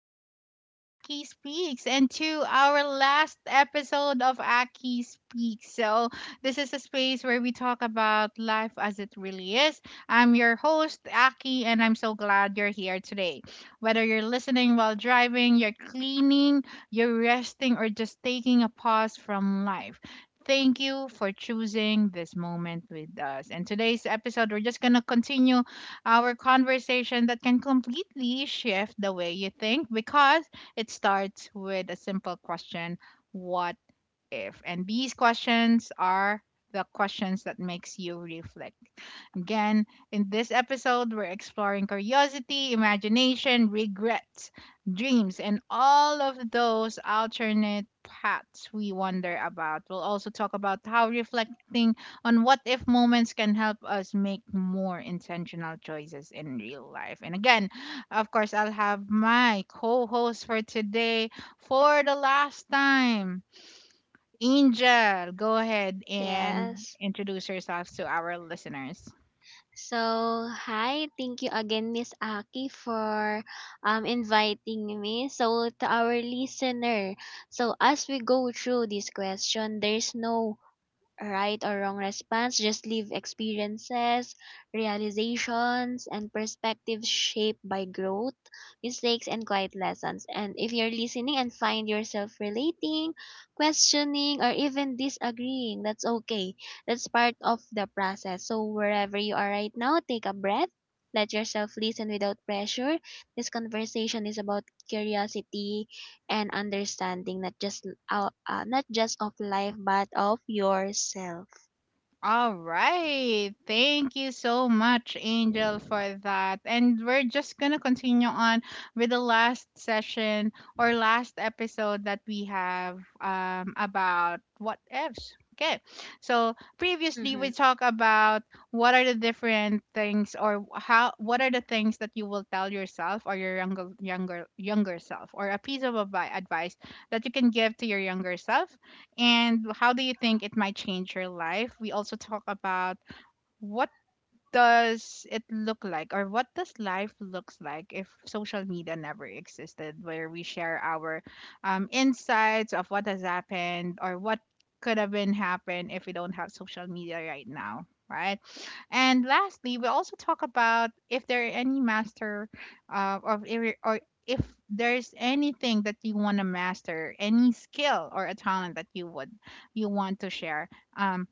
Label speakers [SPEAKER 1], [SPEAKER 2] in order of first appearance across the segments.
[SPEAKER 1] to Aki Speaks and to our last episode of Aki Speaks. So, this is a space where we talk about life as it really is. I'm your host, Aki, and I'm so glad you're here today. Whether you're listening while driving, you're cleaning, you're resting, or just taking a pause from life. Thank you for choosing this moment with us. And today's episode, we're just going to continue our conversation that can completely shift the way you think because it starts with a simple question, what if, and these questions are the questions that makes you reflect. Again, in this episode, we're exploring curiosity, imagination, regrets, dreams, and all of those alternate paths we wonder about. We'll also talk about how reflecting on what if moments can help us make more intentional choices in real life. And again, of course, I'll have my co host for today for the last time. Angel, go ahead and
[SPEAKER 2] Yes.
[SPEAKER 1] introduce yourself to our listeners.
[SPEAKER 2] So, hi. Thank you again, Miss Aki, for inviting me. So, to our listener, so as we go through this question, there's no right or wrong response, just leave experiences, realizations, and perspectives shaped by growth, mistakes, and quiet lessons. And if you're listening and find yourself relating, questioning, or even disagreeing, that's okay. That's part of the process. So, wherever you are right now, take a breath. Let yourself listen without pressure. This conversation is about curiosity, and understanding not just not just of life but of yourself.
[SPEAKER 1] All right. Thank you so much, Angel, for that. And we're just going to continue on with the last session or last episode that we have about what ifs. Okay. So previously
[SPEAKER 2] Mm-hmm.
[SPEAKER 1] we talked about what are the different things, or how, what are the things that you will tell yourself or your younger self, or a piece of advice that you can give to your younger self, and how do you think it might change your life? We also talk about what does it look like, or what does life looks like if social media never existed, where we share our insights of what has happened or what could have been happened if we don't have social media right now, right? And lastly we also talk about if there are any master of ir- or if there's anything that you want to master, any skill or a talent that you would you want to share. um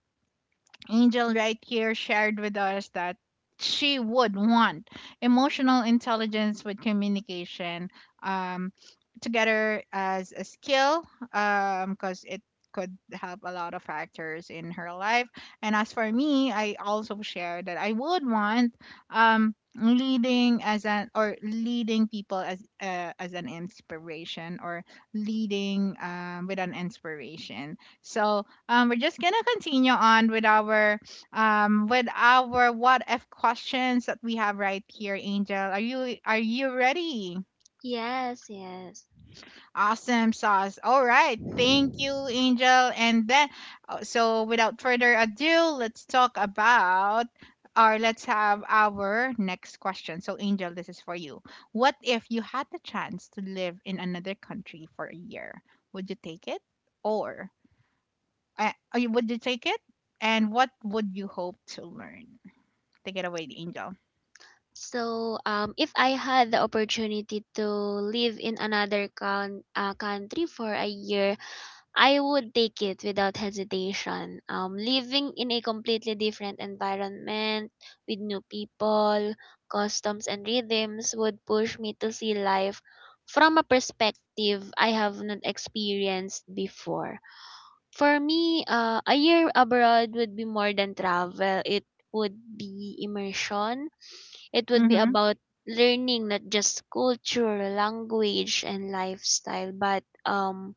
[SPEAKER 1] Angel right here shared with us that she would want emotional intelligence with communication, um, together as a skill, because it could help a lot of factors in her life. And as for me, I also share that I would want leading as an, or leading people as an inspiration, or leading with an inspiration. So we're just gonna continue on with our what if questions that we have right here, Angel. Are you ready?
[SPEAKER 2] Yes, yes.
[SPEAKER 1] Awesome sauce. All right, thank you, Angel. And then, so without further ado, let's talk about, or let's have our next question. So, Angel, this is for you. What if you had the chance to live in another country for a year? Would you take it, or would you take it? And what would you hope to learn? Take it away, Angel.
[SPEAKER 2] So, if I had the opportunity to live in another country for a year, I would take it without hesitation. Living in a completely different environment with new people, customs, and rhythms would push me to see life from a perspective I have not experienced before. For me, a year abroad would be more than travel, it would be immersion, it would be
[SPEAKER 1] Mm-hmm.
[SPEAKER 2] about learning not just culture, language, and lifestyle, but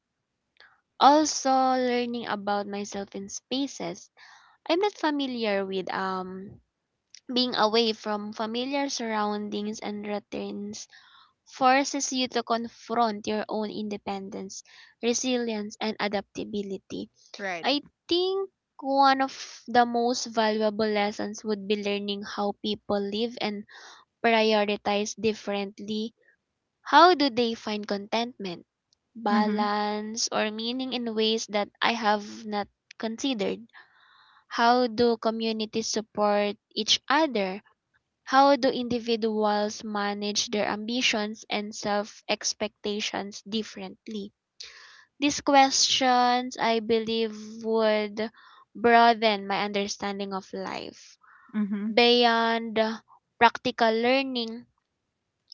[SPEAKER 2] also, learning about myself in spaces I'm not familiar with. Being away from familiar surroundings and routines forces you to confront your own independence, resilience, and adaptability.
[SPEAKER 1] Right.
[SPEAKER 2] I think one of the most valuable lessons would be learning how people live and prioritize differently. How do they find contentment,
[SPEAKER 1] Mm-hmm.
[SPEAKER 2] balance, or meaning in ways that I have not considered? How do communities support each other? How do individuals manage their ambitions and self expectations differently? These questions, I believe, would broaden my understanding of life.
[SPEAKER 1] Mm-hmm.
[SPEAKER 2] Beyond practical learning,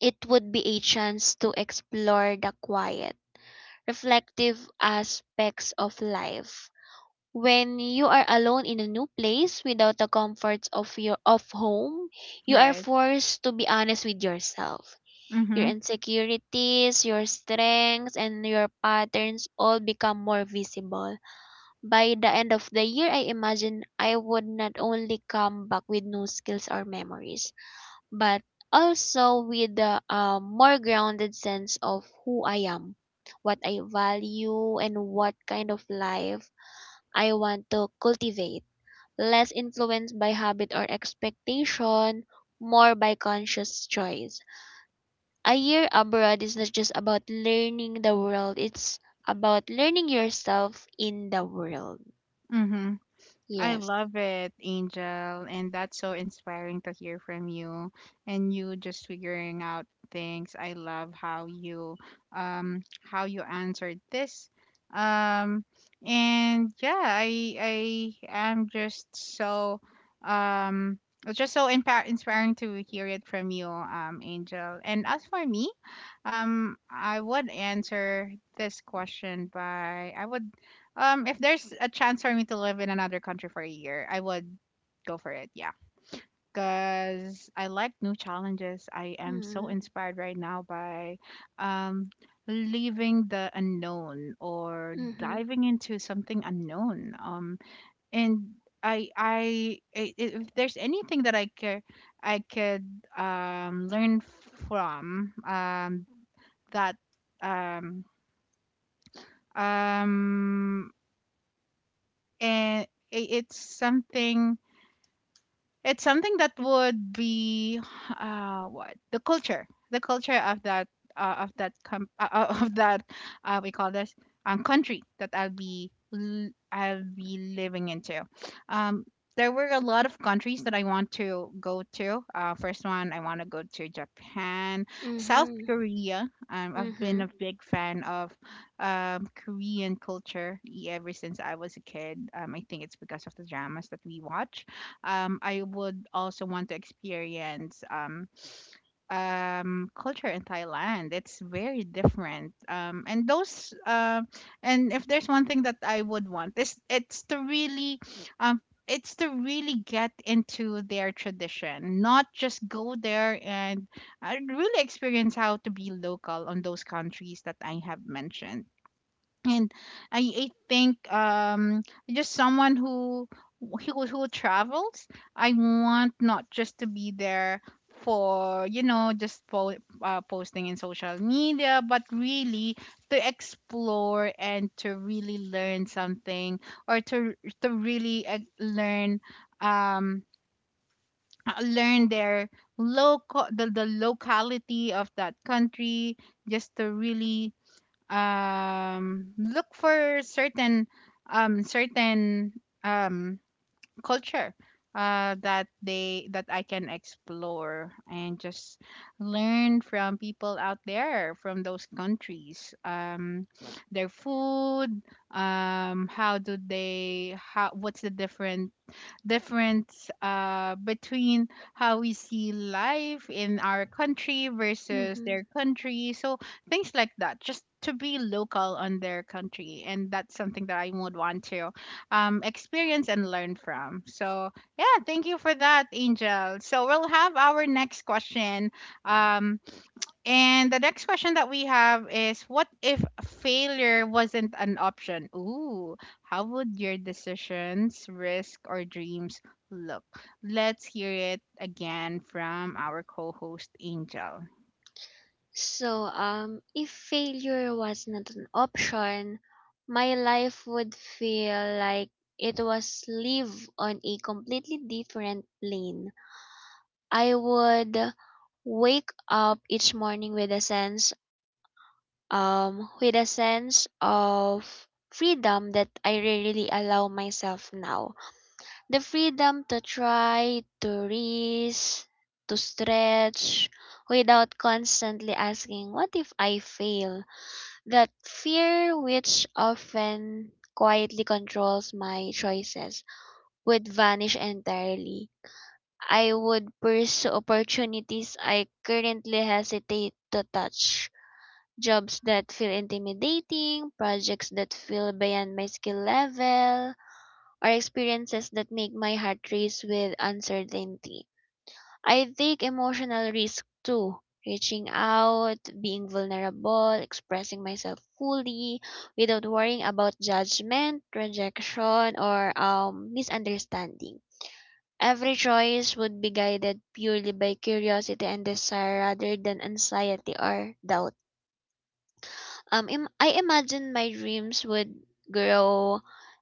[SPEAKER 2] it would be a chance to explore the quiet reflective aspects of life. When you are alone in a new place without the comforts of your of home, you are
[SPEAKER 1] Right.
[SPEAKER 2] forced to be honest with yourself. Your
[SPEAKER 1] Mm-hmm.
[SPEAKER 2] insecurities, your strengths, and your patterns all become more visible. By the end of the year, I imagine I would not only come back with new skills or memories, but also with a more grounded sense of who I am, what I value, and what kind of life I want to cultivate. Less influenced by habit or expectation, more by conscious choice. A year abroad is not just about learning the world, it's about learning yourself in the world.
[SPEAKER 1] Mm-hmm. I
[SPEAKER 2] Yes.
[SPEAKER 1] love it, Angel. And that's so inspiring to hear from you and you just figuring out things. I love how you answered this. Um and yeah, I am just so um it's just so inspiring to hear it from you, Angel. And as for me, I would answer this question by, I would if there's a chance for me to live in another country for a year, I would go for it. Yeah. Because I like new challenges. I am so
[SPEAKER 2] Mm-hmm.
[SPEAKER 1] inspired right now by um, leaving the unknown, or
[SPEAKER 2] Mm-hmm.
[SPEAKER 1] diving into something unknown. And if there's anything that I could learn from that, um, um, and it's something. It's something that would be what the culture of that of that we call this country that I'll be living into. Um, there were a lot of countries that I want to go to. First one, I want to go to Japan, South
[SPEAKER 2] Mm-hmm.
[SPEAKER 1] Korea. I've
[SPEAKER 2] Mm-hmm.
[SPEAKER 1] been a big fan of Korean culture ever since I was a kid. I think it's because of the dramas that we watch. I would also want to experience culture in Thailand. It's very different. And if there's one thing that I would want, is um, it's to really get into their tradition, not just go there and really experience how to be local on those countries that I have mentioned. And I think just someone who who travels. I want not just to be there for, you know, just posting in social media, but really to explore and to really learn something, or to really learn um learn their local, the locality of that country, just to really look for certain um certain um culture that they, that I can explore, and just learn from people out there from those countries. Their food, how do they, how, what's the different difference between how we see life in our country versus
[SPEAKER 2] Mm-hmm.
[SPEAKER 1] their country. So things like that, just to be local on their country. And that's something that I would want to experience and learn from. So, yeah, thank you for that, Angel. So, we'll have our next question. Um, and the next question that we have is, what if failure wasn't an option? Ooh, how would your decisions, risk, or dreams look? Let's hear it again from our co host, Angel.
[SPEAKER 2] So, if failure was not an option, my life would feel like it was live on a completely different plane. I would wake up each morning with with a sense of freedom that I rarely allow myself now. The freedom to try, to risk, to stretch, without constantly asking, "What if I fail?" That fear, which often quietly controls my choices, would vanish entirely. I would pursue opportunities I currently hesitate to touch. Jobs that feel intimidating, projects that feel beyond my skill level, or experiences that make my heart race with uncertainty. I take emotional risk too. Reaching out, being vulnerable, expressing myself fully without worrying about judgment, rejection, or misunderstanding. Every choice would be guided purely by curiosity and desire rather than anxiety or doubt. I imagine my dreams would grow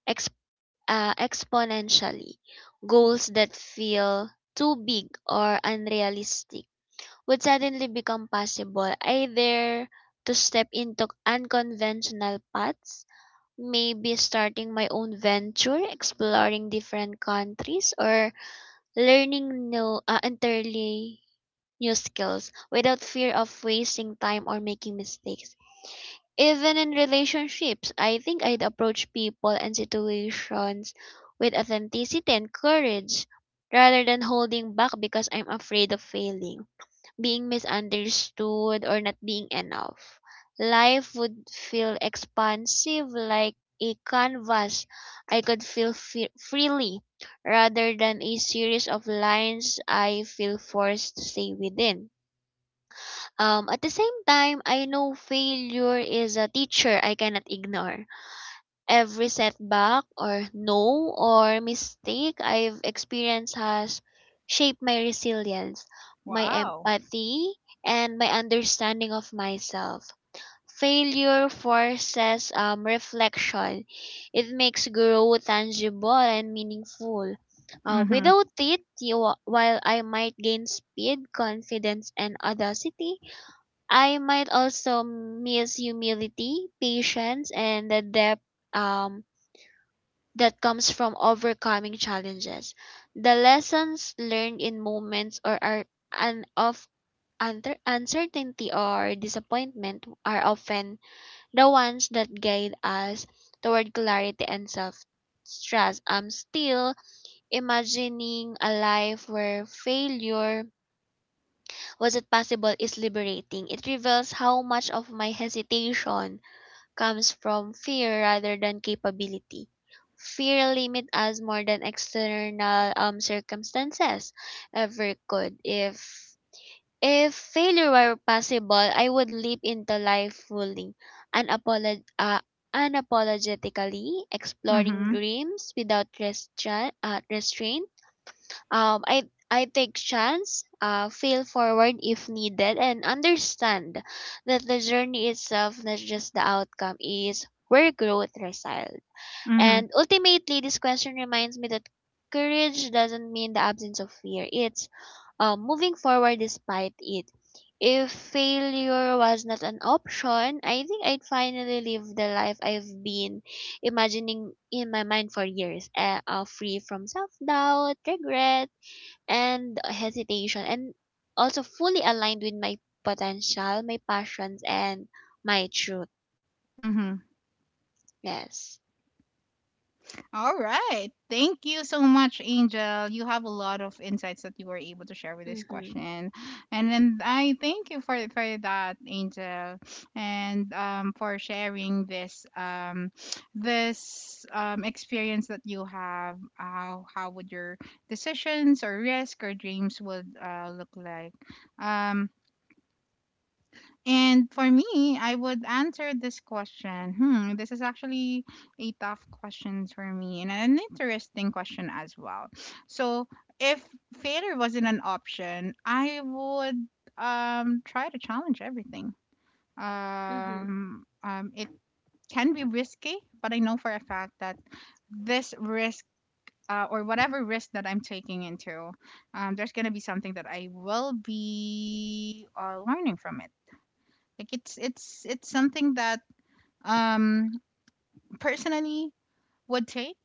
[SPEAKER 2] exp- exponentially. Goals that feel too big or unrealistic would suddenly become possible, either to step into unconventional paths, maybe starting my own venture, exploring different countries, or learning entirely new skills without fear of wasting time or making mistakes. Even in relationships, I think I'd approach people and situations with authenticity and courage rather than holding back because I'm afraid of failing, being misunderstood or not being enough. Life would feel expansive like a canvas I could feel freely rather than a series of lines I feel forced to stay within. At the same time, I know failure is a teacher I cannot ignore. Every setback or no or mistake I've experienced has shaped my resilience, my
[SPEAKER 1] Wow.
[SPEAKER 2] empathy, and my understanding of myself. Failure forces reflection. It makes growth tangible and meaningful.
[SPEAKER 1] Mm
[SPEAKER 2] Without
[SPEAKER 1] hmm.
[SPEAKER 2] it, while I might gain speed, confidence, and audacity, I might also miss humility, patience, and the depth um, that comes from overcoming challenges. The lessons learned in moments or are and of unter- uncertainty or disappointment are often the ones that guide us toward clarity and self trust. I'm still imagining a life where failure was it possible is liberating. It reveals how much of my hesitation comes from fear rather than capability. Fear limit us more than external circumstances ever could. If failure were possible, I would leap into life fully, unapolog- uh, unapologetically,
[SPEAKER 1] Mm
[SPEAKER 2] exploring
[SPEAKER 1] hmm.
[SPEAKER 2] dreams without restraint. um, I I take chance, fail forward if needed, and understand that the journey itself, not just the outcome, is where growth resides.
[SPEAKER 1] Mm hmm.
[SPEAKER 2] And ultimately, this question reminds me that courage doesn't mean the absence of fear. It's moving forward despite it. If failure was not an option, I think I'd finally live the life I've been imagining in my mind for years, free from self doubt, regret and hesitation and also fully aligned with my potential, my passions and my truth.
[SPEAKER 1] Mm hmm.
[SPEAKER 2] Yes.
[SPEAKER 1] All right. Thank you so much, Angel. You have a lot of insights that you were able to share with this
[SPEAKER 2] Mhm.
[SPEAKER 1] question. And then I thank you for that, Angel. And for sharing this this experience that you have. How would your decisions or risk or dreams would look like? Um and for me, I would answer this question. Hmm, this is actually a tough question for me, and an interesting question as well. So, if failure wasn't an option, I would try to challenge everything.
[SPEAKER 2] Mhm.
[SPEAKER 1] It can be risky, but I know for a fact that this risk, or whatever risk that I'm taking into, there's gonna be something that I will be learning from it. Like it's it's something that um personally would take,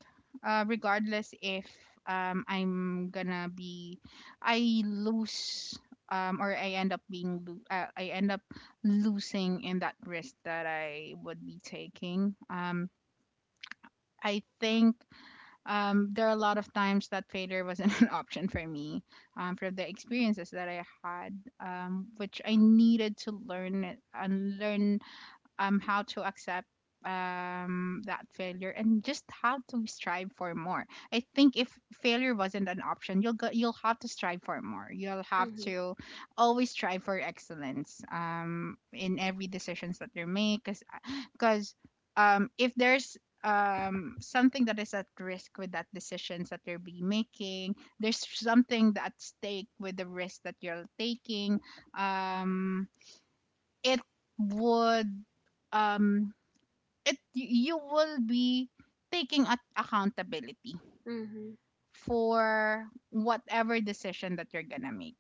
[SPEAKER 1] regardless if I'm gonna be, I lose, or I end up being I end up losing in that risk that I would be taking. I think there are a lot of times that failure wasn't an option for me, from the experiences that I had, which I needed to learn and learn how to accept that failure, and just how to strive for more. I think if failure wasn't an option, you'll go, you'll have to strive for more, you'll have
[SPEAKER 2] Mhm.
[SPEAKER 1] to always strive for excellence, in every decisions that you make. Because if there's something that is at risk with that decisions that you are be making, there's something at stake with the risk that you're taking. um it would um it, you will be taking at accountability
[SPEAKER 2] Mhm.
[SPEAKER 1] for whatever decision that you're gonna make.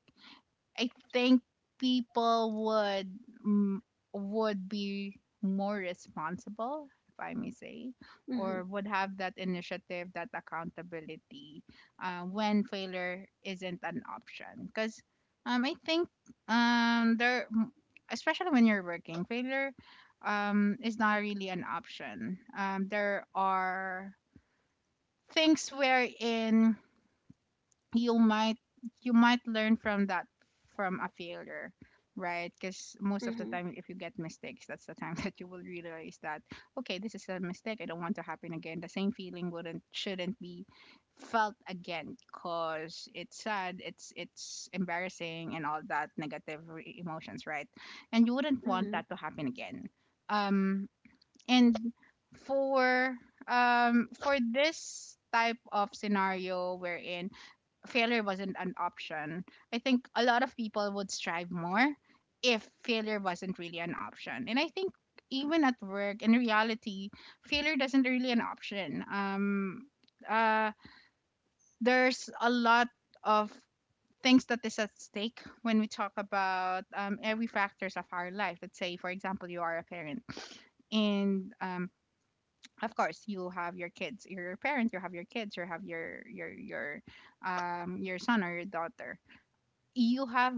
[SPEAKER 1] I think people would, mm, would be more responsible, if I may say,
[SPEAKER 2] Mhm.
[SPEAKER 1] or would have that initiative, that accountability, when failure isn't an option. Because I think um, there, m- especially when you're working, failure is not really an option. There are things wherein you might, you might learn from that, from a failure, right? Because most of the
[SPEAKER 2] Mhm.
[SPEAKER 1] time, if you get mistakes, that's the time that you will realize that, okay, this is a mistake, I don't want to happen again. The same feeling wouldn't, shouldn't be felt again because it's sad, it's embarrassing, and all that negative emotions, right? And you wouldn't want
[SPEAKER 2] Mhm.
[SPEAKER 1] that to happen again. um and for for this type of scenario wherein failure wasn't an option. I think a lot of people would strive more if failure wasn't really an option. And I think even at work, in reality, failure doesn't really an option. Uh, there's a lot of things that is at stake when we talk about every factors of our life. Let's say, for example, you are a parent, and of course you have your kids, you're a parent, you have your kids, you have your your son or your daughter, you have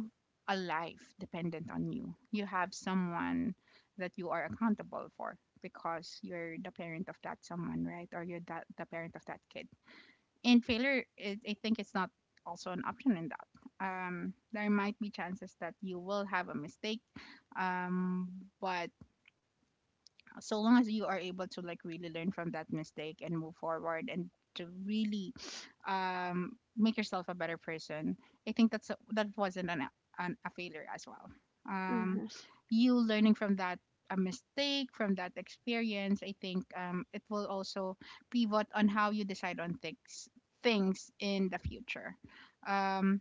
[SPEAKER 1] a life dependent on you. You have someone that you are accountable for because you're the parent of that someone, right? Or you're that, the parent of that kid. And failure, it, I think it's not also an option in that. There might be chances that you will have a mistake, um, but so long as you are able to, like, really learn from that mistake and move forward and to really make yourself a better person. I think that wasn't an a failure as well. um
[SPEAKER 2] Mhm.
[SPEAKER 1] you learning from that a mistake from that experience, I think it will also pivot on how you decide on things in the future. um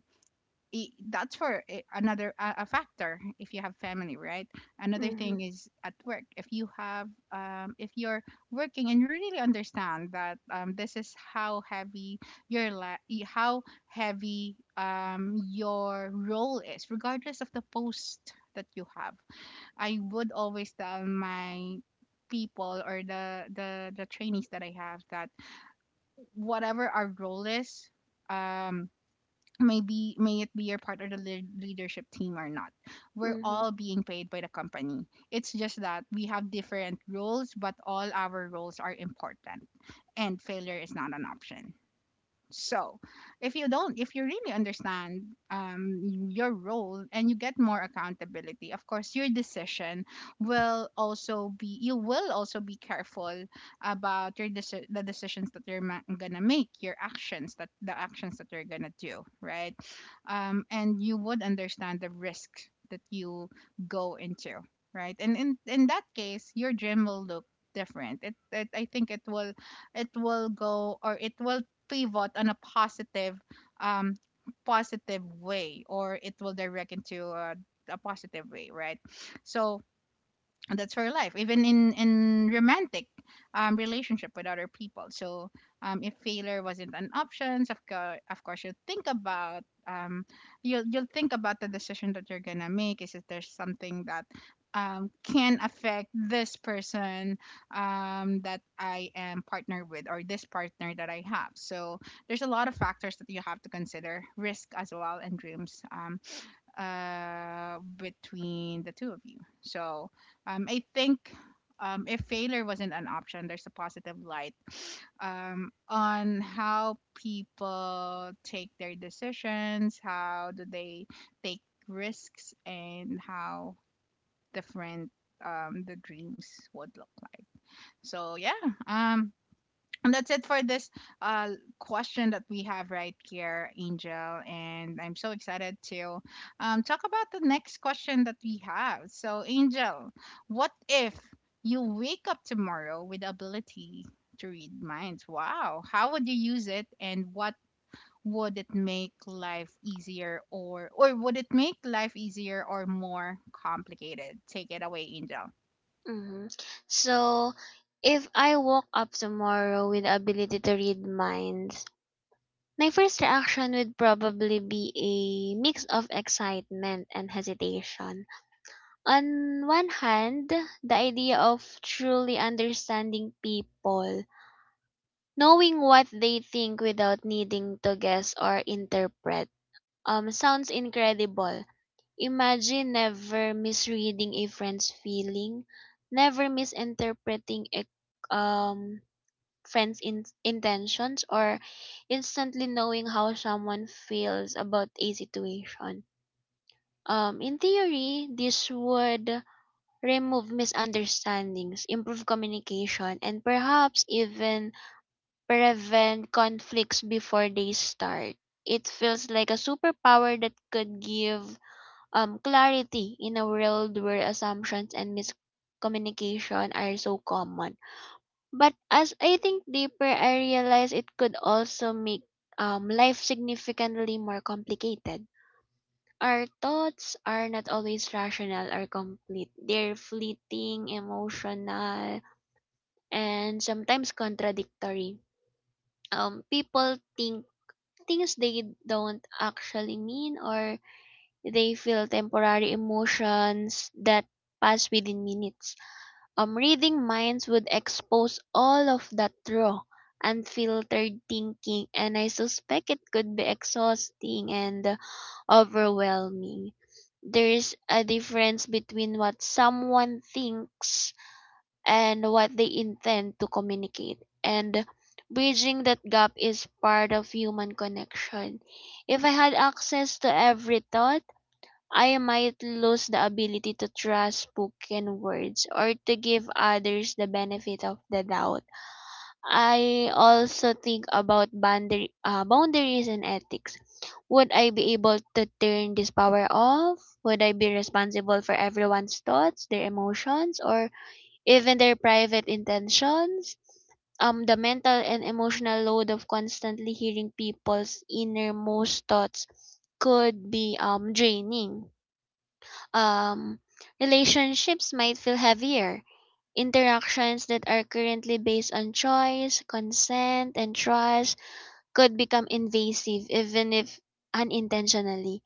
[SPEAKER 1] that's for another a factor if you have family, right? Another
[SPEAKER 2] Mhm.
[SPEAKER 1] thing is at work. If you have if you're working and you really understand that, this is how heavy how heavy, your role is, regardless of the post that you have. I would always tell my people or the trainees that I have that whatever our role is, um maybe may it be your part of the leadership team or not, we're
[SPEAKER 2] Mhm.
[SPEAKER 1] all being paid by the company. It's just that we have different roles, but all our roles are important, and failure is not an option. So, if you really understand, your role, and you get more accountability, of course, your decision will also be, you will also be careful about your the decisions that you're gonna make, your actions, that the actions that you're gonna do, right? And you would understand the risk that you go into, right? And in that case, your gym will look different. It, I think it will, it will go, or it will pivot on a positive, um positive way, or it will direct into a positive way, right? So that's her life, even in romantic, relationship with other people. So, if failure wasn't an option, of course you'll think about, you'll think about the decision that you're gonna make, is if there's something that, can affect this person, that I am partnered with, or this partner that I have. So there's a lot of factors that you have to consider, risk as well and dreams, between the two of you. So, I think, if failure wasn't an option, there's a positive light on how people take their decisions, how do they take risks, and how different, the dreams would look like. So yeah, and that's it for this uh, question that we have right here, Angel. And I'm so excited to talk about the next question that we have. So, Angel, what if you wake up tomorrow with the ability to read minds? Wow. How would you use it, and what would it make life easier, or would it make life easier or more complicated? Take it away, Angel.
[SPEAKER 2] Mhm. So, if I woke up tomorrow with the ability to read minds, my first reaction would probably be a mix of excitement and hesitation. On one hand, the idea of truly understanding people, knowing what they think without needing to guess or interpret, sounds incredible. Imagine never misreading a friend's feeling, never misinterpreting a um, friend's intentions, or instantly knowing how someone feels about a situation. In theory, this would remove misunderstandings, improve communication, and perhaps even prevent conflicts before they start. It feels like a superpower that could give clarity in a world where assumptions and miscommunication are so common. But as I think deeper, I realize it could also make life significantly more complicated. Our thoughts are not always rational or complete. They're fleeting, emotional, and sometimes contradictory. People think things they don't actually mean or they feel temporary emotions that pass within minutes. Reading minds would expose all of that raw, unfiltered thinking, and I suspect it could be exhausting and overwhelming. There's a difference between what someone thinks and what they intend to communicate, and bridging that gap is part of human connection. If I had access to every thought, I might lose the ability to trust spoken words or to give others the benefit of the doubt. I also think about boundaries and ethics. Would I be able to turn this power off? Would I be responsible for everyone's thoughts, their emotions, or even their private intentions? The mental and emotional load of constantly hearing people's innermost thoughts could be draining. um, Relationships might feel heavier. Interactions that are currently based on choice, consent, and trust could become invasive even if unintentionally.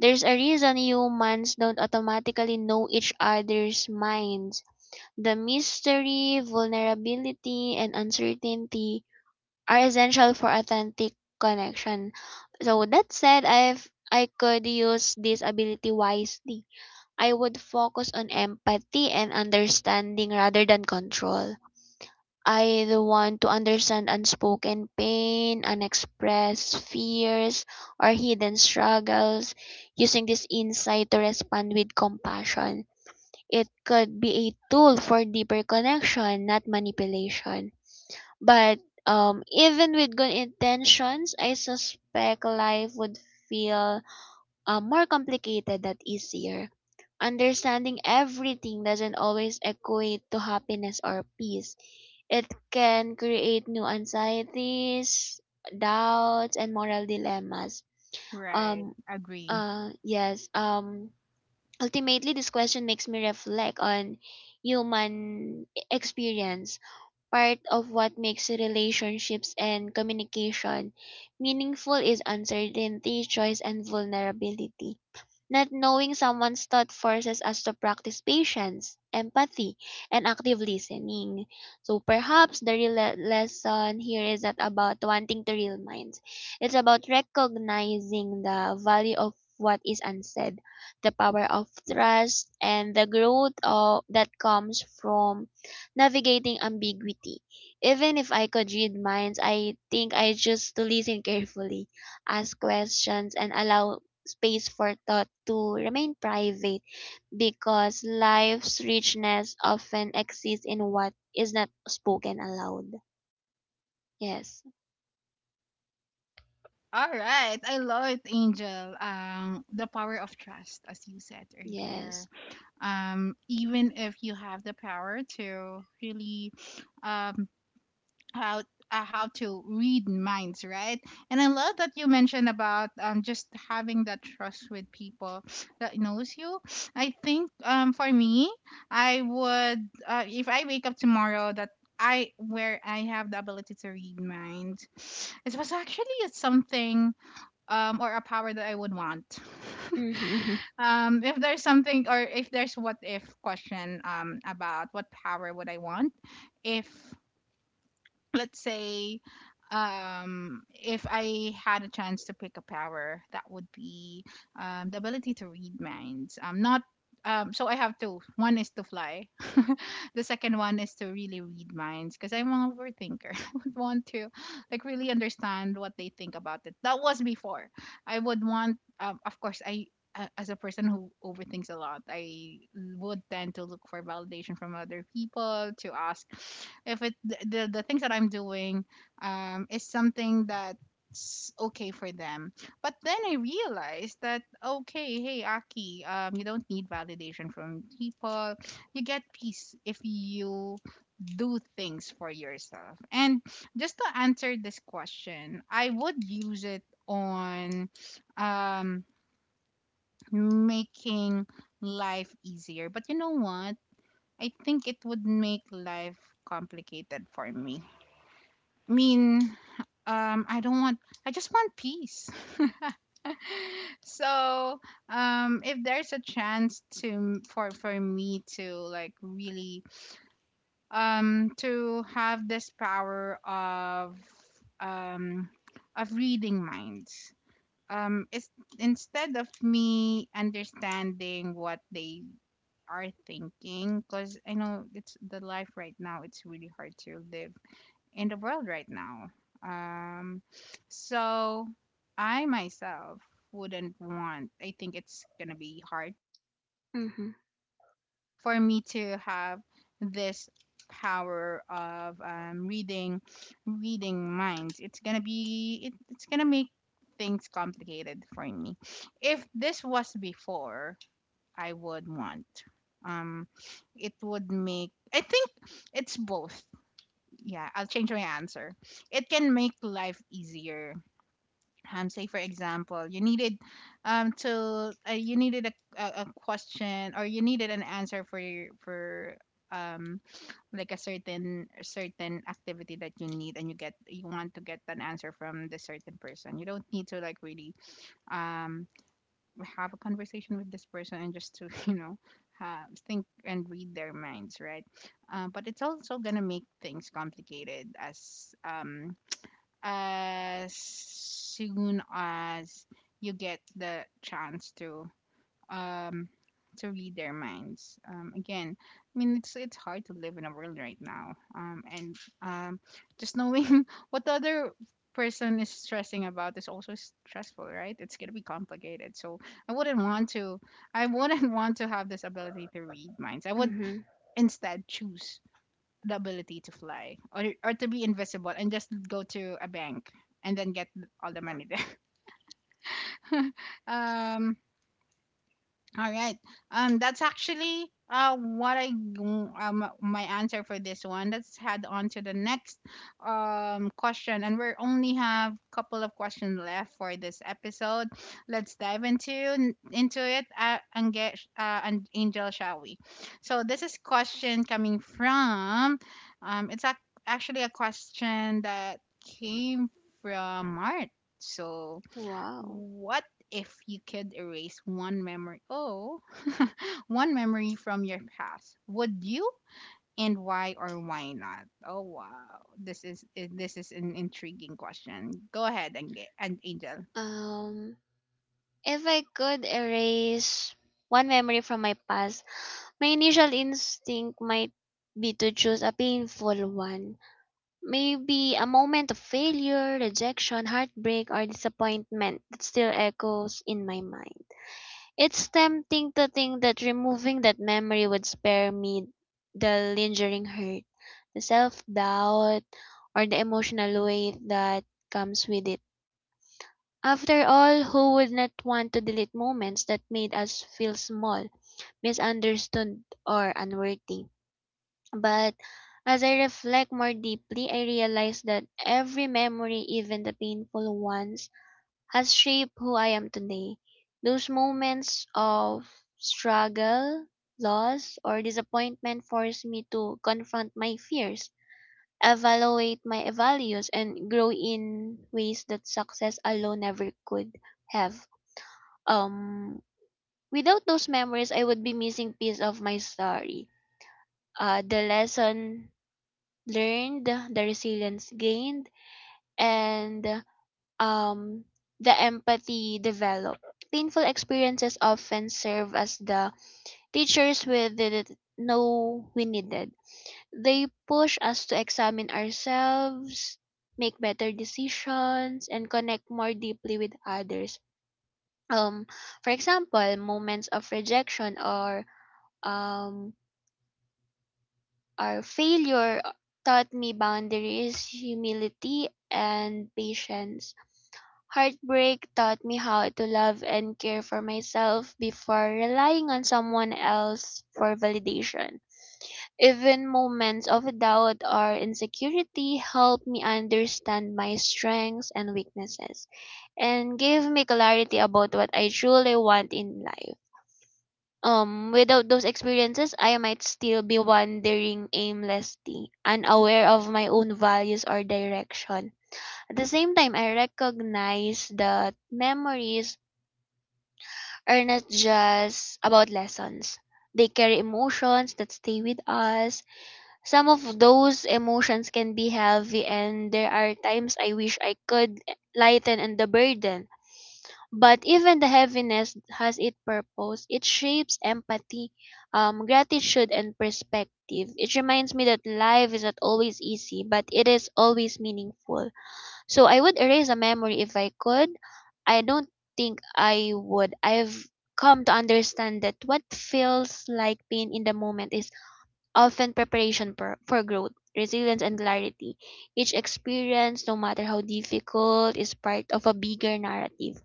[SPEAKER 2] There's a reason humans don't automatically know each other's minds. The mystery, vulnerability, and uncertainty are essential for authentic connection. So that said, I could use this ability wisely. I would focus on empathy and understanding rather than control. I want to understand unspoken pain, unexpressed fears, or hidden struggles. Using this insight to respond with compassion, it could be a tool for deeper connection, not manipulation. But even with good intentions, I suspect life would feel more complicated that easier. Understanding everything doesn't always equate to happiness or peace. It can create new anxieties, doubts, and moral dilemmas.
[SPEAKER 1] Right.
[SPEAKER 2] Um,
[SPEAKER 1] Agree.
[SPEAKER 2] yes, ultimately, this question makes me reflect on human experience, part of what makes relationships and communication meaningful is uncertainty, choice, and vulnerability. Not knowing someone's thought forces us to practice patience, empathy, and active listening. So perhaps the real lesson here is not about wanting to real minds. It's about recognizing the value of what is unsaid, the power of trust, and the growth of, that comes from navigating ambiguity. Even if I could read minds, I think I just to listen carefully, ask questions, and allow space for thought to remain private because life's richness often exists in what is not spoken aloud. Yes,
[SPEAKER 1] All right, I love it, Angel. The power of trust, as you said earlier.
[SPEAKER 2] yes.
[SPEAKER 1] Even if you have the power to really, um, how how to read minds, right? And I love that you mentioned about just having that trust with people that knows you. I think for me, I would, if I wake up tomorrow that, I where I have the ability to read minds, it was actually something, or a power that I would want.
[SPEAKER 2] Mm-hmm,
[SPEAKER 1] Um, if there's something, or if there's what if question about what power would I want, if, let's say, if I had a chance to pick a power, that would be the ability to read minds. Not So I have two, one is to fly. The second one is to really read minds, because I'm an overthinker. I would want to, like, really understand what they think about it. That was before. I would want, of course, as a person who overthinks a lot, I would tend to look for validation from other people, to ask if the things that I'm doing, is something that's okay for them. But then I realized that, okay, hey Aki, you don't need validation from people. You get peace if you do things for yourself. And just to answer this question, I would use it on, um making life easier. But you know what? I think it would make life complicated for me. I mean, I don't want, I just want peace. So, if there's a chance to, for me to like really, to have this power um, of reading minds, it's, instead of me understanding what they are thinking, because I know it's the life right now, it's really hard to live in the world right now. Um, so I myself wouldn't want, I think it's gonna be hard
[SPEAKER 2] mm-hmm,
[SPEAKER 1] for me to have this power of, reading minds. It's gonna be it, it's gonna make things complicated for me. If this was before, I would want. Um, it would make, I think it's both. Yeah, I'll change my answer. It can make life easier. Say for example, you needed, to you needed a question, or you needed an answer for your for, um like a certain activity that you need, and you get you want to get an answer from the certain person. You don't need to like really, um have a conversation with this person, and just to you know have, think and read their minds, right? Uh, but it's also gonna make things complicated as, as soon as you get the chance to, um, to read their minds. Again, I mean it's hard to live in a world right now. And, um, just knowing what the other person is stressing about is also stressful, right? It's gonna be complicated. So I wouldn't want to. I wouldn't want to have this ability to read minds. I would
[SPEAKER 2] mm-hmm.
[SPEAKER 1] instead choose the ability to fly, or to be invisible, and just go to a bank and then get all the money there. Um, all right. That's actually what I, my answer for this one. Let's head on to the next question, and we only have a couple of questions left for this episode. Let's dive into it, and get and Angel, shall we? So this is question coming from, um it's ac- actually a question that came from Mart. So
[SPEAKER 2] Wow.
[SPEAKER 1] what if you could erase one memory? Oh, one memory from your past. Would you? And why or why not? Oh wow, this is this is an intriguing question. Go ahead and get and Angel.
[SPEAKER 2] Um, if I could erase one memory from my past, my initial instinct might be to choose a painful one. Maybe a moment of failure, rejection, heartbreak, or disappointment that still echoes in my mind. It's tempting to think that removing that memory would spare me the lingering hurt, the self doubt, or the emotional weight that comes with it. After all, who would not want to delete moments that made us feel small, misunderstood, or unworthy? But as I reflect more deeply, I realize that every memory, even the painful ones, has shaped who I am today. Those moments of struggle, loss, or disappointment force me to confront my fears, evaluate my values, and grow in ways that success alone never could have. Um, Without those memories, I would be missing piece of my story. The lesson learned, the resilience gained, and um, the empathy developed. Painful experiences often serve as the teachers we didn't know we needed. They push us to examine ourselves, make better decisions, and connect more deeply with others. Um, for example, moments of rejection or um, Our failure taught me boundaries, humility, and patience. Heartbreak taught me how to love and care for myself before relying on someone else for validation. Even moments of doubt or insecurity helped me understand my strengths and weaknesses and gave me clarity about what I truly want in life. Without those experiences, I might still be wandering aimlessly, unaware of my own values or direction. At the same time, I recognize that memories are not just about lessons. They carry emotions that stay with us. Some of those emotions can be heavy, and there are times I wish I could lighten the burden, but even the heaviness has its purpose. It shapes empathy, gratitude, and perspective. It reminds me that life is not always easy, but it is always meaningful. So I would erase a memory if I could. I don't think I would. I've come to understand that what feels like pain in the moment is often preparation for growth, resilience, and clarity. Each experience, no matter how difficult, is part of a bigger narrative,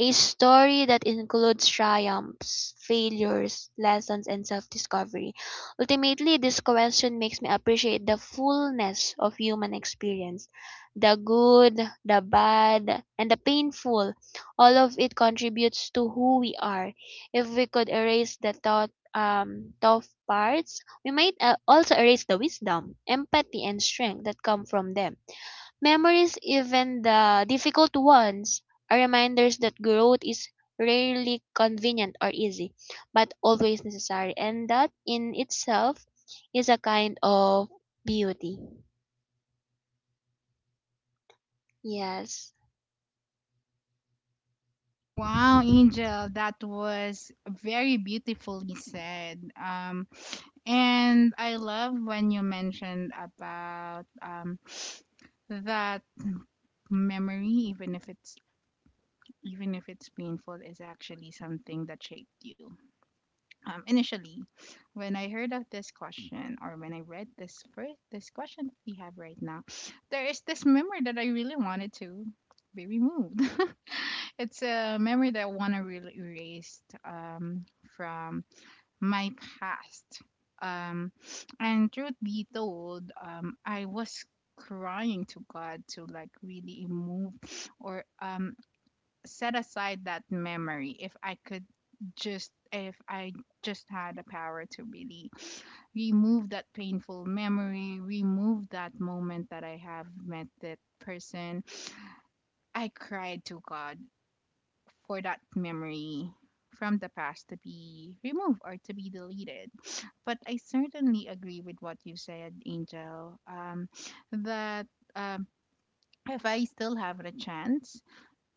[SPEAKER 2] a story that includes triumphs, failures, lessons, and self discovery. Ultimately, this question makes me appreciate the fullness of human experience, the good, the bad, and the painful. All of it contributes to who we are. If we could erase the tough parts, we might also erase the wisdom, empathy, and strength that come from them. Memories, even the difficult ones, are reminders that growth is rarely convenient or easy, but always necessary, and that in itself is a kind of beauty. Yes.
[SPEAKER 1] Wow, Angel, that was very beautifully said. And I love when you mentioned about that memory, even if it's even if it's painful, is actually something that shaped you. Um, initially, when I heard of this question, or when I read this first this question that we have right now, there is this memory that I really wanted to be removed. It's a memory that I want to really erase, from my past, um, and truth be told, I was crying to God to like really move, or set aside that memory if I could, just if I just had the power to really remove that painful memory, remove that moment that I have met that person. I cried to God for that memory from the past to be removed or to be deleted. But I certainly agree with what you said, Angel, that, um, if I still have the chance,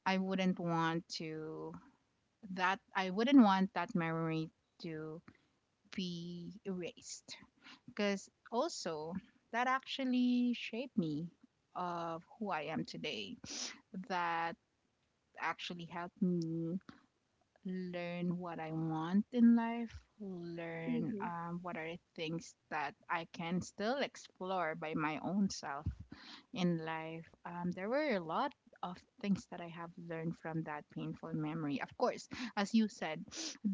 [SPEAKER 1] I wouldn't want to that I wouldn't want that memory to be erased, because also that actually shaped me of who I am today. That actually helped me learn what I want in life, learn
[SPEAKER 2] Hmm.
[SPEAKER 1] what are things that I can still explore by my own self in life. There were a lot of things that I have learned from that painful memory. Of course, as you said,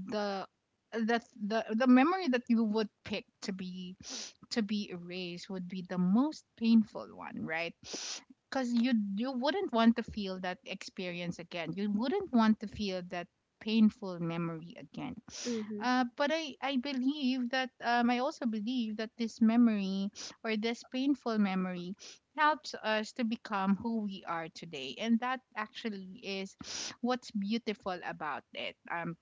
[SPEAKER 1] the the the memory that you would pick to be, to be erased would be the most painful one, right? Because you wouldn't want to feel that experience again. You wouldn't want to feel that painful memory again.
[SPEAKER 2] Mm-hmm.
[SPEAKER 1] But I believe that, I also believe that this memory, or this painful memory, helps us to become who we are today, and that actually is what's beautiful about it.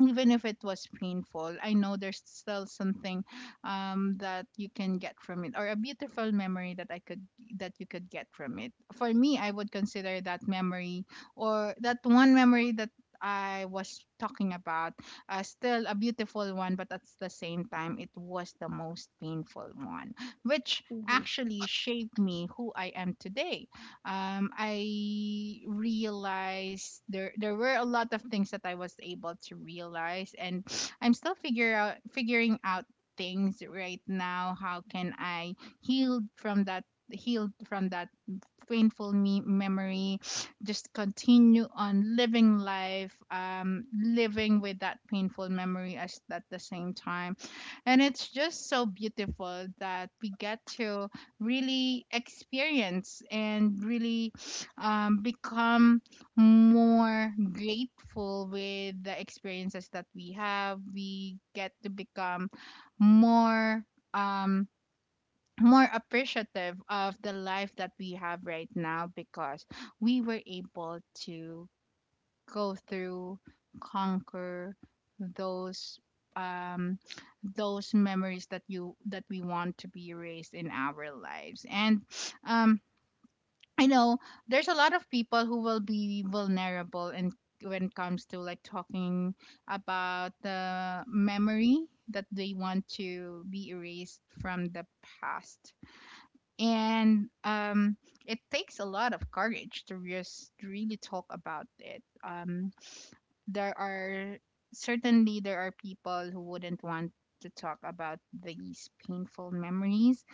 [SPEAKER 1] Even if it was painful, I know there's still something, that you can get from it, or a beautiful memory that you could get from it. For me, I would consider that memory or that one memory that I was talking about still a beautiful one, but at the same time, it was the most painful one, which
[SPEAKER 2] Mm-hmm.
[SPEAKER 1] actually shaped me who I am today. I realized there were a lot of things that I was able to realize, and I'm still figure out figuring out things right now. How can I heal from that? Heal from that painful memory, just continue on living life, living with that painful memory as at the same time. And it's just so beautiful that we get to really experience and really become more grateful with the experiences that we have, we get to become more, um, more appreciative of the life that we have right now because we were able to go through, conquer those, um those memories that you that we want to be erased in our lives. And um I know there's a lot of people who will be vulnerable and when it comes to like talking about the memory that they want to be erased from the past. And it takes a lot of courage to just really talk about it. There are, certainly there are people who wouldn't want to talk about these painful memories,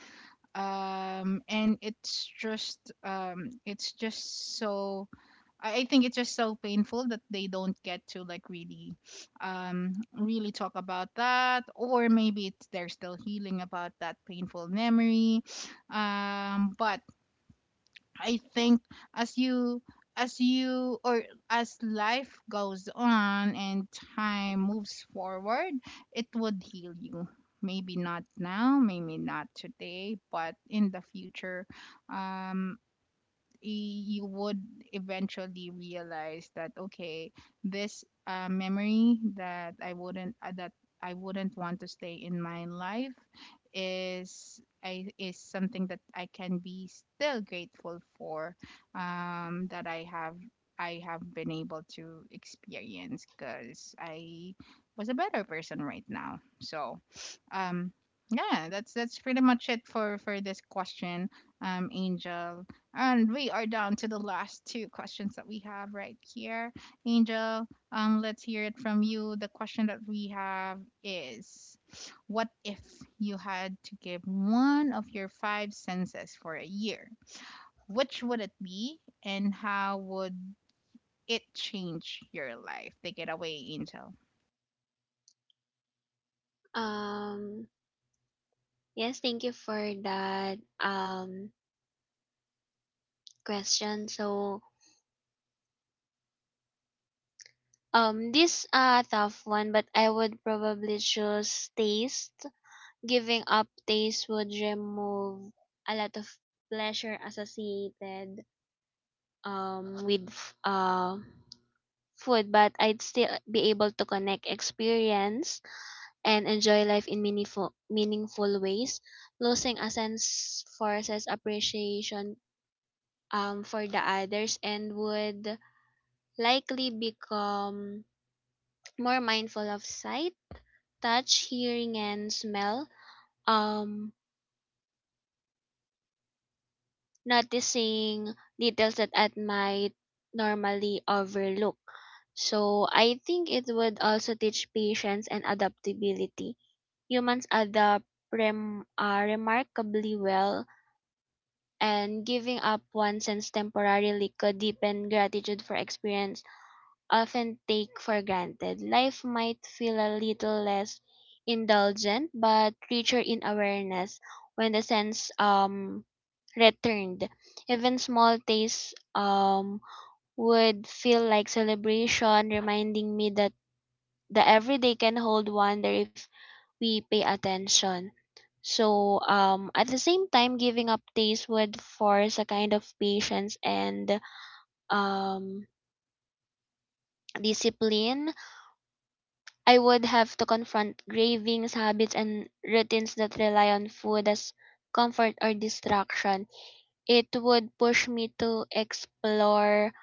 [SPEAKER 1] and it's just, it's just so, I think it's just so painful that they don't get to like really, really talk about that, or maybe it's, they're still healing about that painful memory. But I think as you, as you or as life goes on and time moves forward, it would heal you. Maybe not now, maybe not today, but in the future. Um, you would eventually realize that, okay, this memory that I wouldn't want to stay in my life is, is something that I can be still grateful for, that I have been able to experience, because I was a better person right now. So um yeah, that's pretty much it for this question, Angel, and we are down to the last two questions that we have right here. Angel, let's hear it from you. The question that we have is, what if you had to give one of your five senses for a year? Which would it be, and how would it change your life? Take it away, Angel.
[SPEAKER 2] Um, yes, thank you for that, question. So, this a tough one, but I would probably choose taste. Giving up taste would remove a lot of pleasure associated with food, but I'd still be able to connect experience and enjoy life in meaningful ways. Losing a sense forces appreciation for the others and would likely become more mindful of sight, touch, hearing, and smell, um, noticing details that I might normally overlook. So I think it would also teach patience and adaptability. Humans adapt remarkably well, and giving up one sense temporarily could deepen gratitude for experience often take for granted. Life might feel a little less indulgent, but richer in awareness when the sense returned. Even small tastes would feel like celebration, reminding me that the everyday can hold wonder if we pay attention. So at the same time, giving up taste would force a kind of patience and um discipline. I would have to confront cravings, habits, and routines that rely on food as comfort or distraction. It would push me to explore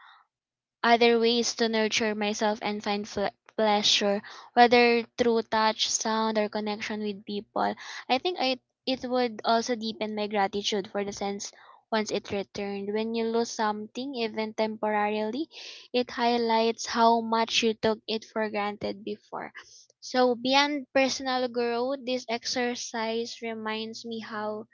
[SPEAKER 2] other ways to nurture myself and find pleasure, whether through touch, sound, or connection with people. I think it would also deepen my gratitude for the sense once it returned. When you lose something, even temporarily, it highlights how much you took it for granted before. So, beyond personal growth, this exercise reminds me how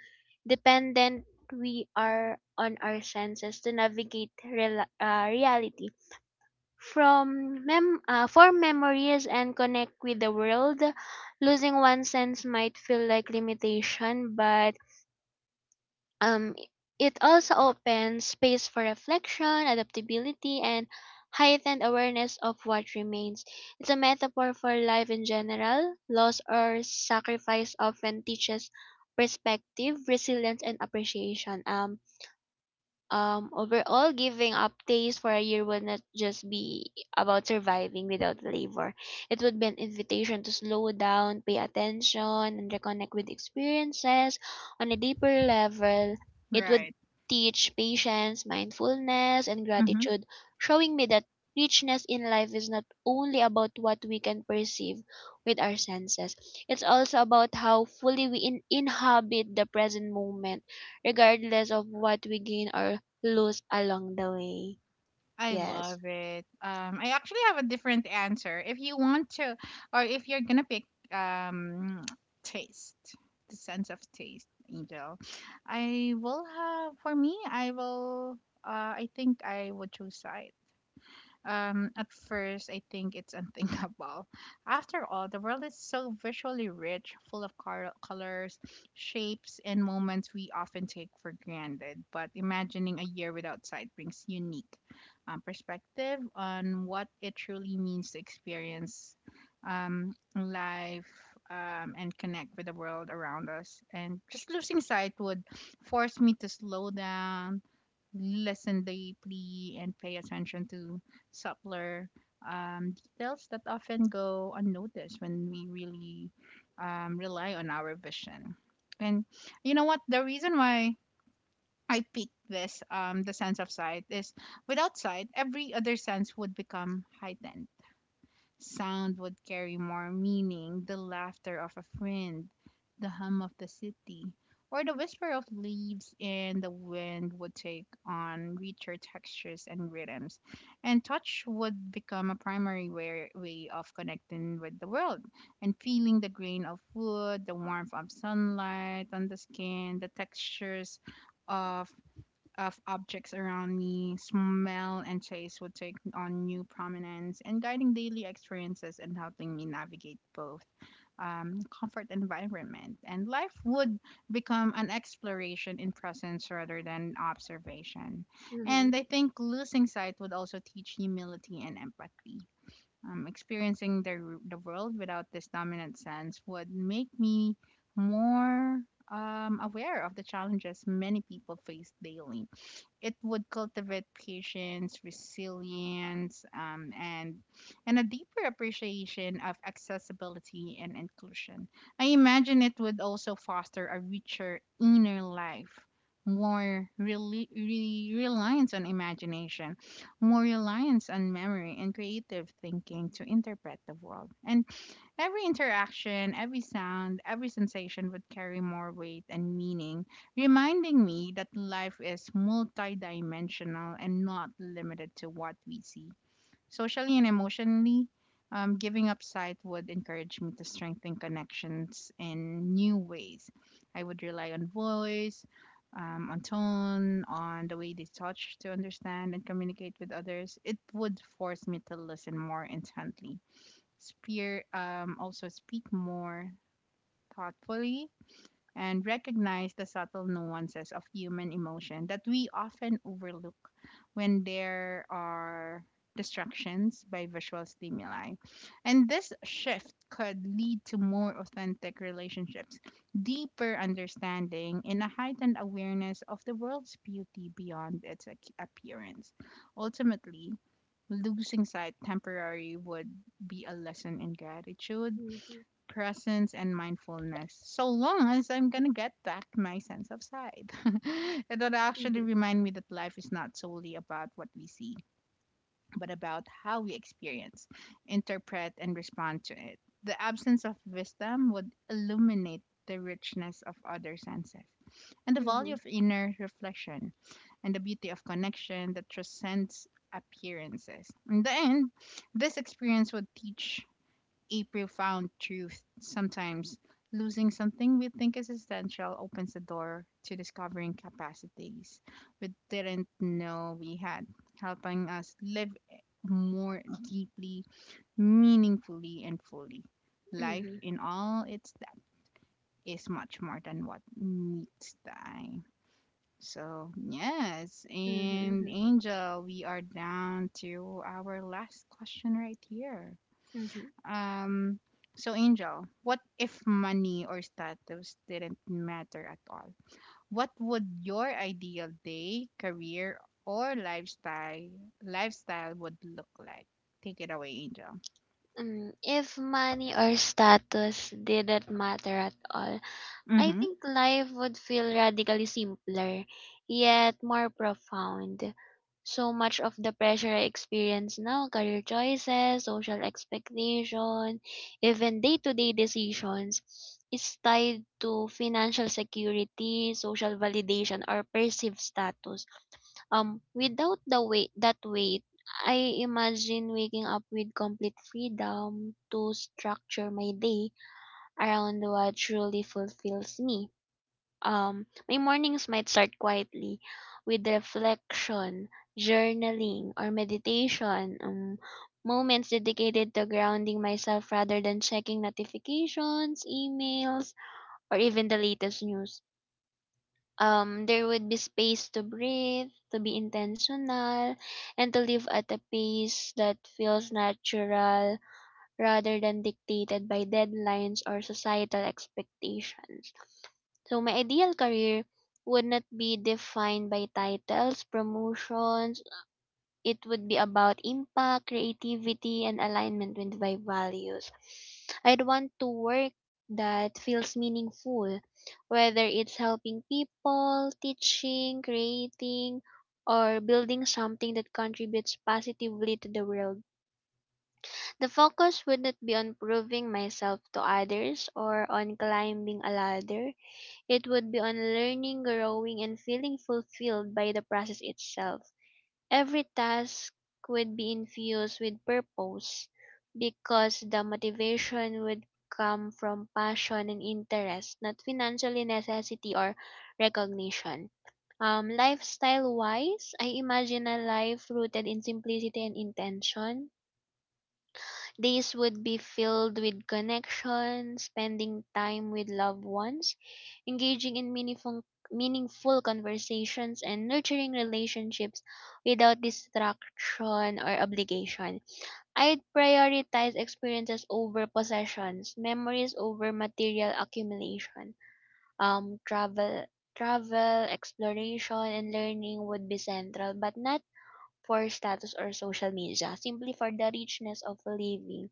[SPEAKER 2] dependent we are on our senses to navigate rela reality, form memories and connect with the world. Losing one sense might feel like limitation, but um, it also opens space for reflection, adaptability, and heightened awareness of what remains. It's a metaphor for life in general. Loss or sacrifice often teaches perspective, resilience, and appreciation. Overall, giving up days for a year would not just be about surviving without labor. It would be an invitation to slow down, pay attention, and reconnect with experiences on a deeper level. It would
[SPEAKER 1] Right.
[SPEAKER 2] teach patience, mindfulness, and gratitude, showing me that richness in life is not only about what we can perceive with our senses, it's also about how fully we inhabit the present moment regardless of what we gain or lose along the way.
[SPEAKER 1] I
[SPEAKER 2] Yes.
[SPEAKER 1] love it. I actually have a different answer. If you want to, or if you're gonna pick um, taste, the sense of taste, Angel, I will have. For me, I will. I think I would choose sight. At first, I think it's unthinkable. After all, the world is so visually rich, full of colors, shapes, and moments we often take for granted. But imagining a year without sight brings unique perspective on what it truly means to experience life and connect with the world around us. And just losing sight would force me to slow down, listen deeply, and pay attention to subtler details that often go unnoticed when we really rely on our vision. And you know what? The reason why I picked this, the sense of sight, is without sight, every other sense would become heightened. Sound would carry more meaning, the laughter of a friend, the hum of the city, or the whisper of leaves in the wind would take on richer textures and rhythms. And touch would become a primary way of connecting with the world and feeling the grain of wood, the warmth of sunlight on the skin, the textures of of objects around me. Smell and taste would take on new prominence, and guiding daily experiences and helping me navigate both comfort environment. And life would become an exploration in presence rather than observation. And I think losing sight would also teach humility and empathy. Experiencing the world without this dominant sense would make me more aware of the challenges many people face daily. It would cultivate patience, resilience, and a deeper appreciation of accessibility and inclusion. I imagine it would also foster a richer inner life, more reliance on imagination, more reliance on memory and creative thinking to interpret the world. And every interaction, every sound, every sensation would carry more weight and meaning, reminding me that life is multidimensional and not limited to what we see. Socially and emotionally, giving up sight would encourage me to strengthen connections in new ways. I would rely on voice, on tone, on the way they touch to understand and communicate with others. It would force me to listen more intently. Also speak more thoughtfully and recognize the subtle nuances of human emotion that we often overlook when there are distractions by visual stimuli. And this shift could lead to more authentic relationships, deeper understanding, and a heightened awareness of the world's beauty beyond its appearance. Ultimately, losing sight temporarily would be a lesson in gratitude,
[SPEAKER 2] Mhm.
[SPEAKER 1] presence, and mindfulness, so long as I'm gonna get back my sense of sight. It would actually
[SPEAKER 2] Mhm.
[SPEAKER 1] remind me that life is not solely about what we see, but about how we experience, interpret, and respond to it. The absence of wisdom would illuminate the richness of other senses, and the value
[SPEAKER 2] Mhm.
[SPEAKER 1] of inner reflection, and the beauty of connection that transcends appearances. In the end, this experience would teach a profound truth. Sometimes losing something we think is essential opens the door to discovering capacities we didn't know we had, helping us live more deeply, meaningfully, and fully. Life
[SPEAKER 2] Mhm.
[SPEAKER 1] in all its depth is much more than what meets the eye. So, yes, and
[SPEAKER 2] Mhm.
[SPEAKER 1] Angel, we are down to our last question right here.
[SPEAKER 2] Mhm.
[SPEAKER 1] Um, so Angel, what if money or status didn't matter at all? What would your ideal day, career, or lifestyle would look like? Take it away, Angel.
[SPEAKER 2] Mm. If money or status didn't matter at all, I
[SPEAKER 1] Mm-hmm.
[SPEAKER 2] think life would feel radically simpler, yet more profound. So much of the pressure I experience now, career choices, social expectation, even day to day decisions, is tied to financial security, social validation, or perceived status. Without that weight, I imagine waking up with complete freedom to structure my day around what truly fulfills me. My mornings might start quietly with reflection, journaling, or meditation, moments dedicated to grounding myself rather than checking notifications, emails, or even the latest news. There would be space to breathe, to be intentional, and to live at a pace that feels natural rather than dictated by deadlines or societal expectations. So my ideal career would not be defined by titles, promotions. It would be about impact, creativity, and alignment with my values. I'd want to work that feels meaningful, whether it's helping people, teaching, creating, or building something that contributes positively to the world. The focus wouldn't be on proving myself to others or on climbing a ladder. It would be on learning, growing, and feeling fulfilled by the process itself. Every task would be infused with purpose because the motivation would come from passion and interest, not financially necessity or recognition. Lifestyle wise, I imagine a life rooted in simplicity and intention. Days would be filled with connection, spending time with loved ones, engaging in meaningful conversations, and nurturing relationships without distraction or obligation. I'd prioritize experiences over possessions, memories over material accumulation. Um, travel, travel, exploration, and learning would be central, but not for status or social media, simply for the richness of living.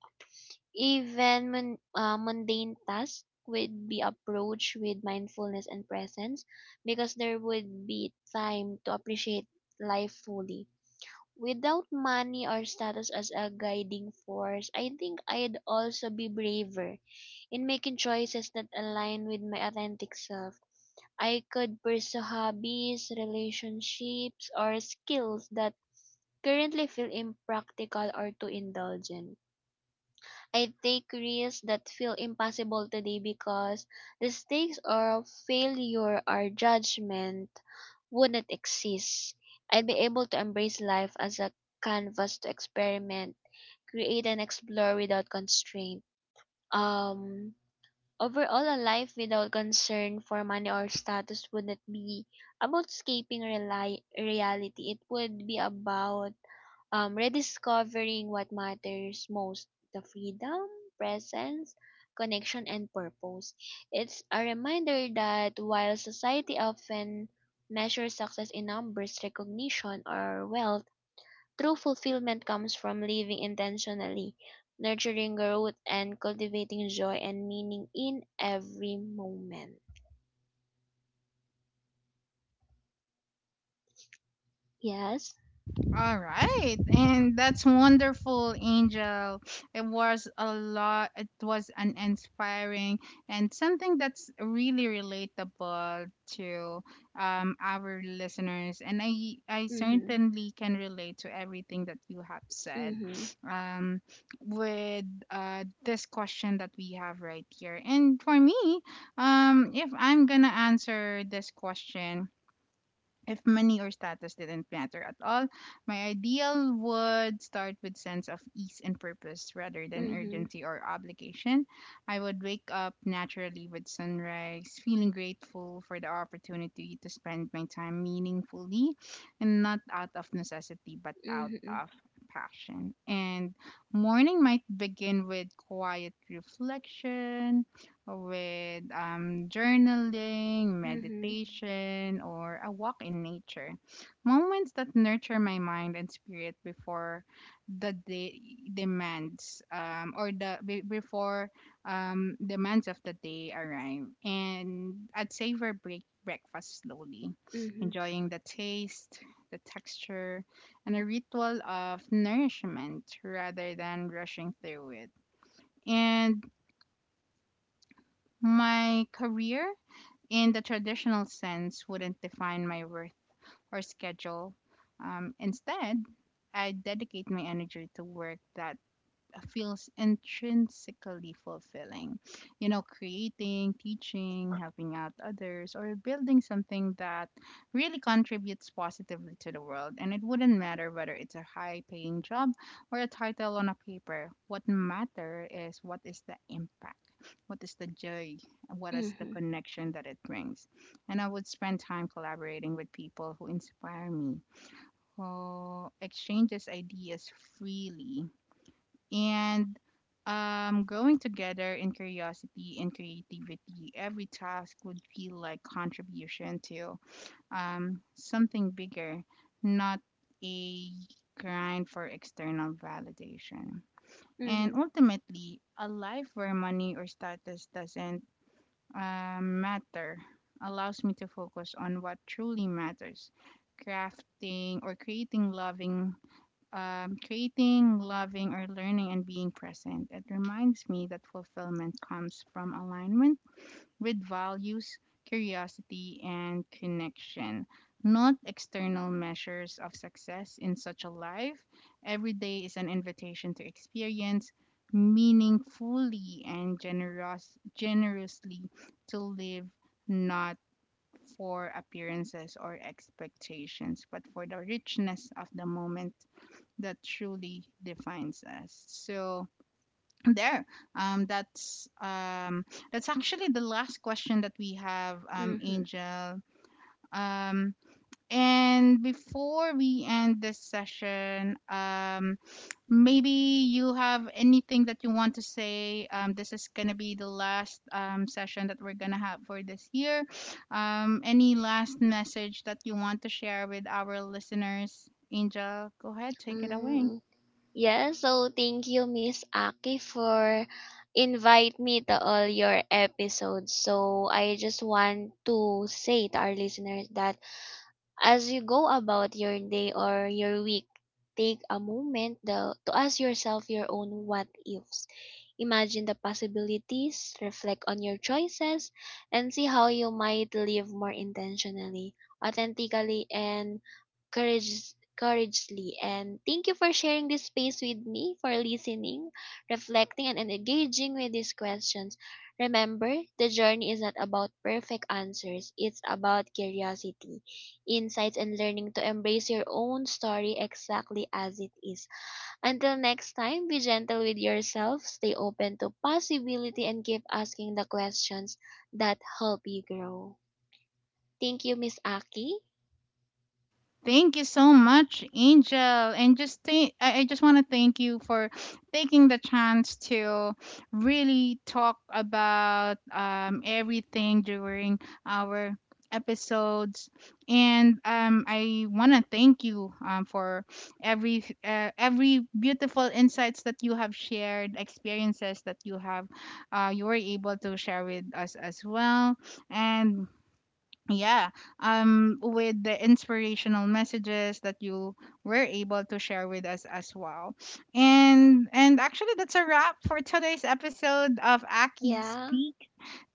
[SPEAKER 2] Even mundane tasks would be approached with mindfulness and presence because there would be time to appreciate life fully. Without money or status as a guiding force, I think I'd also be braver in making choices that align with my authentic self. I could pursue hobbies, relationships, or skills that currently feel impractical or too indulgent. I take risks that feel impossible today because the stakes of failure or judgment wouldn't exist. I'd be able to embrace life as a canvas to experiment, create, and explore without constraint. Um, Overall, a life without concern for money or status wouldn't be about escaping reality. It would be about rediscovering what matters most, the freedom, presence, connection, and purpose. It's a reminder that while society often measures success in numbers, recognition, or wealth, true fulfillment comes from living intentionally, nurturing growth, and cultivating joy and meaning in every moment. Yes.
[SPEAKER 1] All right, and that's wonderful, Angel. It was a lot. It was an inspiring and something that's really relatable to our listeners. And I
[SPEAKER 2] Mm-hmm.
[SPEAKER 1] certainly can relate to everything that you have said,
[SPEAKER 2] Mm-hmm.
[SPEAKER 1] um, with this question that we have right here. And for me, if I'm gonna answer this question, if money or status didn't matter at all, my ideal would start with sense of ease and purpose rather than
[SPEAKER 2] Mm-hmm.
[SPEAKER 1] urgency or obligation. I would wake up naturally with sunrise, feeling grateful for the opportunity to spend my time meaningfully, and not out of necessity but out
[SPEAKER 2] Mm-hmm.
[SPEAKER 1] of passion. And morning might begin with quiet reflection, with journaling,
[SPEAKER 2] Mm-hmm.
[SPEAKER 1] meditation, or a walk in nature. Moments that nurture my mind and spirit before the day demands, before demands of the day arrive. And I'd savor breakfast slowly,
[SPEAKER 2] Mm-hmm.
[SPEAKER 1] enjoying the taste, the texture, and a ritual of nourishment rather than rushing through it. And my career in the traditional sense wouldn't define my worth or schedule. Instead, I dedicate my energy to work that feels intrinsically fulfilling. You know, creating, teaching, helping out others, or building something that really contributes positively to the world. And it wouldn't matter whether it's a high paying job or a title on a paper. What matter is, what is the impact? What is the joy? And what is the
[SPEAKER 2] Mm-hmm.
[SPEAKER 1] connection that it brings? And I would spend time collaborating with people who inspire me, who exchanges ideas freely, and growing together in curiosity and creativity. Every task would feel like contribution to something bigger, not a grind for external validation. And
[SPEAKER 2] Mm-hmm.
[SPEAKER 1] ultimately, a life where money or status doesn't matter allows me to focus on what truly matters, crafting or creating, loving, or learning and being present. It reminds me that fulfillment comes from alignment with values, curiosity, and connection, not external measures of success. In such a life, every day is an invitation to experience meaningfully and generously, to live not for appearances or expectations, but for the richness of the moment that truly defines us. So there, um, that's um, that's actually the last question that we have,
[SPEAKER 2] Mm-hmm.
[SPEAKER 1] Angel. Um, and before we end this session, maybe you have anything that you want to say. This is gonna be the last session that we're gonna have for this year. Any last message that you want to share with our listeners? Angel, go ahead, take it away.
[SPEAKER 2] Mm. Yeah, so thank you, Miss Aki, for invite me to all your episodes. So I just want to say to our listeners that as you go about your day or your week, take a moment though to ask yourself your own what ifs. Imagine the possibilities, reflect on your choices, and see how you might live more intentionally, authentically, and courageously. And thank you for sharing this space with me, for listening, reflecting, and engaging with these questions. Remember, the journey is not about perfect answers, it's about curiosity, insights, and learning to embrace your own story exactly as it is. Until next time, be gentle with yourself, stay open to possibility, and keep asking the questions that help you grow. Thank you, Miss Aki.
[SPEAKER 1] Thank you so much, Angel. And just thank I just want to thank you for taking the chance to really talk about everything during our episodes. And I want to thank you, for every beautiful insights that you have shared, experiences that you have, you were able to share with us as well. And yeah, with the inspirational messages that you were able to share with us as well. And actually that's a wrap for today's episode of Aki
[SPEAKER 2] Yeah.
[SPEAKER 1] Speak.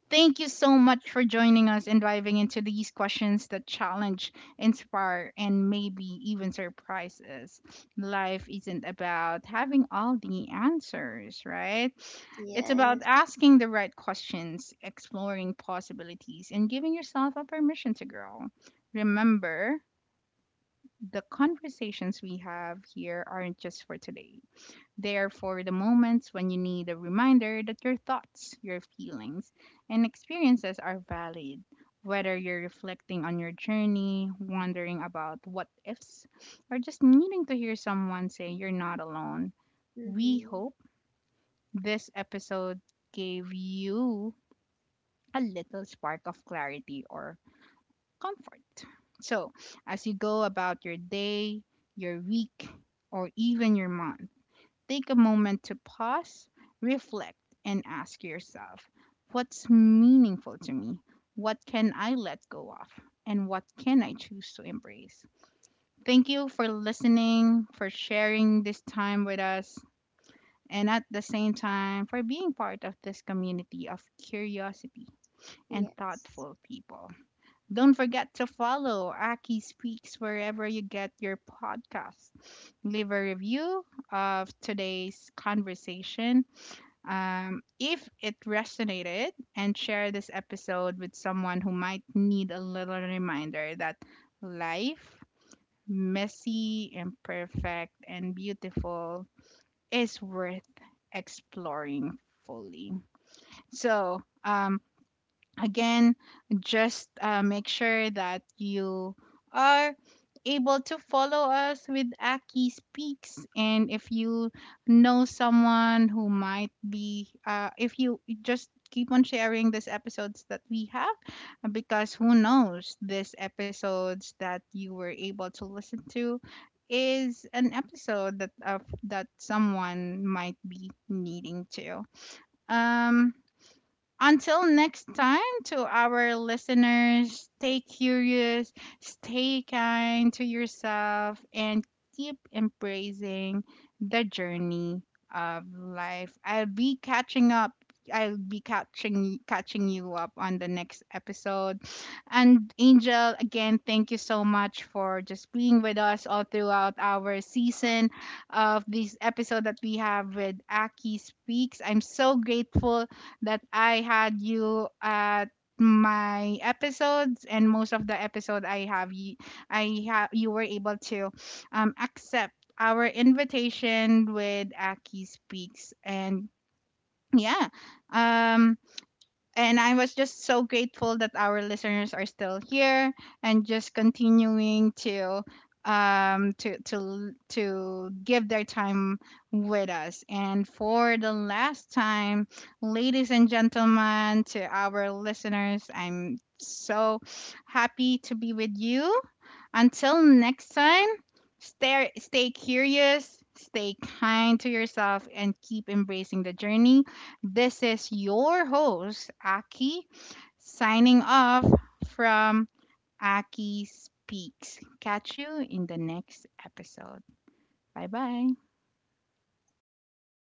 [SPEAKER 1] Thank you so much for joining us and diving into these questions that challenge, inspire, and maybe even surprise us. Life isn't about having all the answers, right? It's about
[SPEAKER 2] Yes.
[SPEAKER 1] asking the right questions, exploring possibilities, and giving yourself a permission to grow. Remember, the conversations we have here aren't just for today. They are for the moments when you need a reminder that your thoughts, your feelings, and experiences are valid. Whether you're reflecting on your journey, wondering about what ifs, or just needing to hear someone say you're not alone, we
[SPEAKER 2] Mm-hmm.
[SPEAKER 1] hope this episode gave you a little spark of clarity or comfort. So, as you go about your day, your week, or even your month, take a moment to pause, reflect, and ask yourself, what's meaningful to me? What can I let go of? And what can I choose to embrace? Thank you for listening, for sharing this time with us, and at the same time for being part of this community of curiosity and
[SPEAKER 2] Yes.
[SPEAKER 1] thoughtful people. Don't forget to follow Aki Speaks wherever you get your podcast. Leave a review of today's conversation, if it resonated, and share this episode with someone who might need a little reminder that life, messy, imperfect, and beautiful, is worth exploring fully. So, again, just make sure that you are able to follow us with Aki Speaks. And if you know someone who might be, if you just keep on sharing these episodes that we have, because who knows, these episodes that you were able to listen to is an episode that that someone might be needing to. um until next time, to our listeners, stay curious, stay kind to yourself, and keep embracing the journey of life. I'll be catching up. I'll be catching you up on the next episode. And Angel, again, thank you so much for just being with us all throughout our season of this episode that we have with Aki Speaks. I'm so grateful that I had you at my episodes, and most of the episode I have you, were able to accept our invitation with Aki Speaks. And yeah. Um and I was just so grateful that our listeners are still here and just continuing to to give their time with us. And for the last time, ladies and gentlemen, to our listeners, I'm so happy to be with you. Until next time, stay curious, stay kind to yourself, and keep embracing the journey. This is your host, Aki, signing off from Aki Speaks. Catch you in the next episode. Bye bye.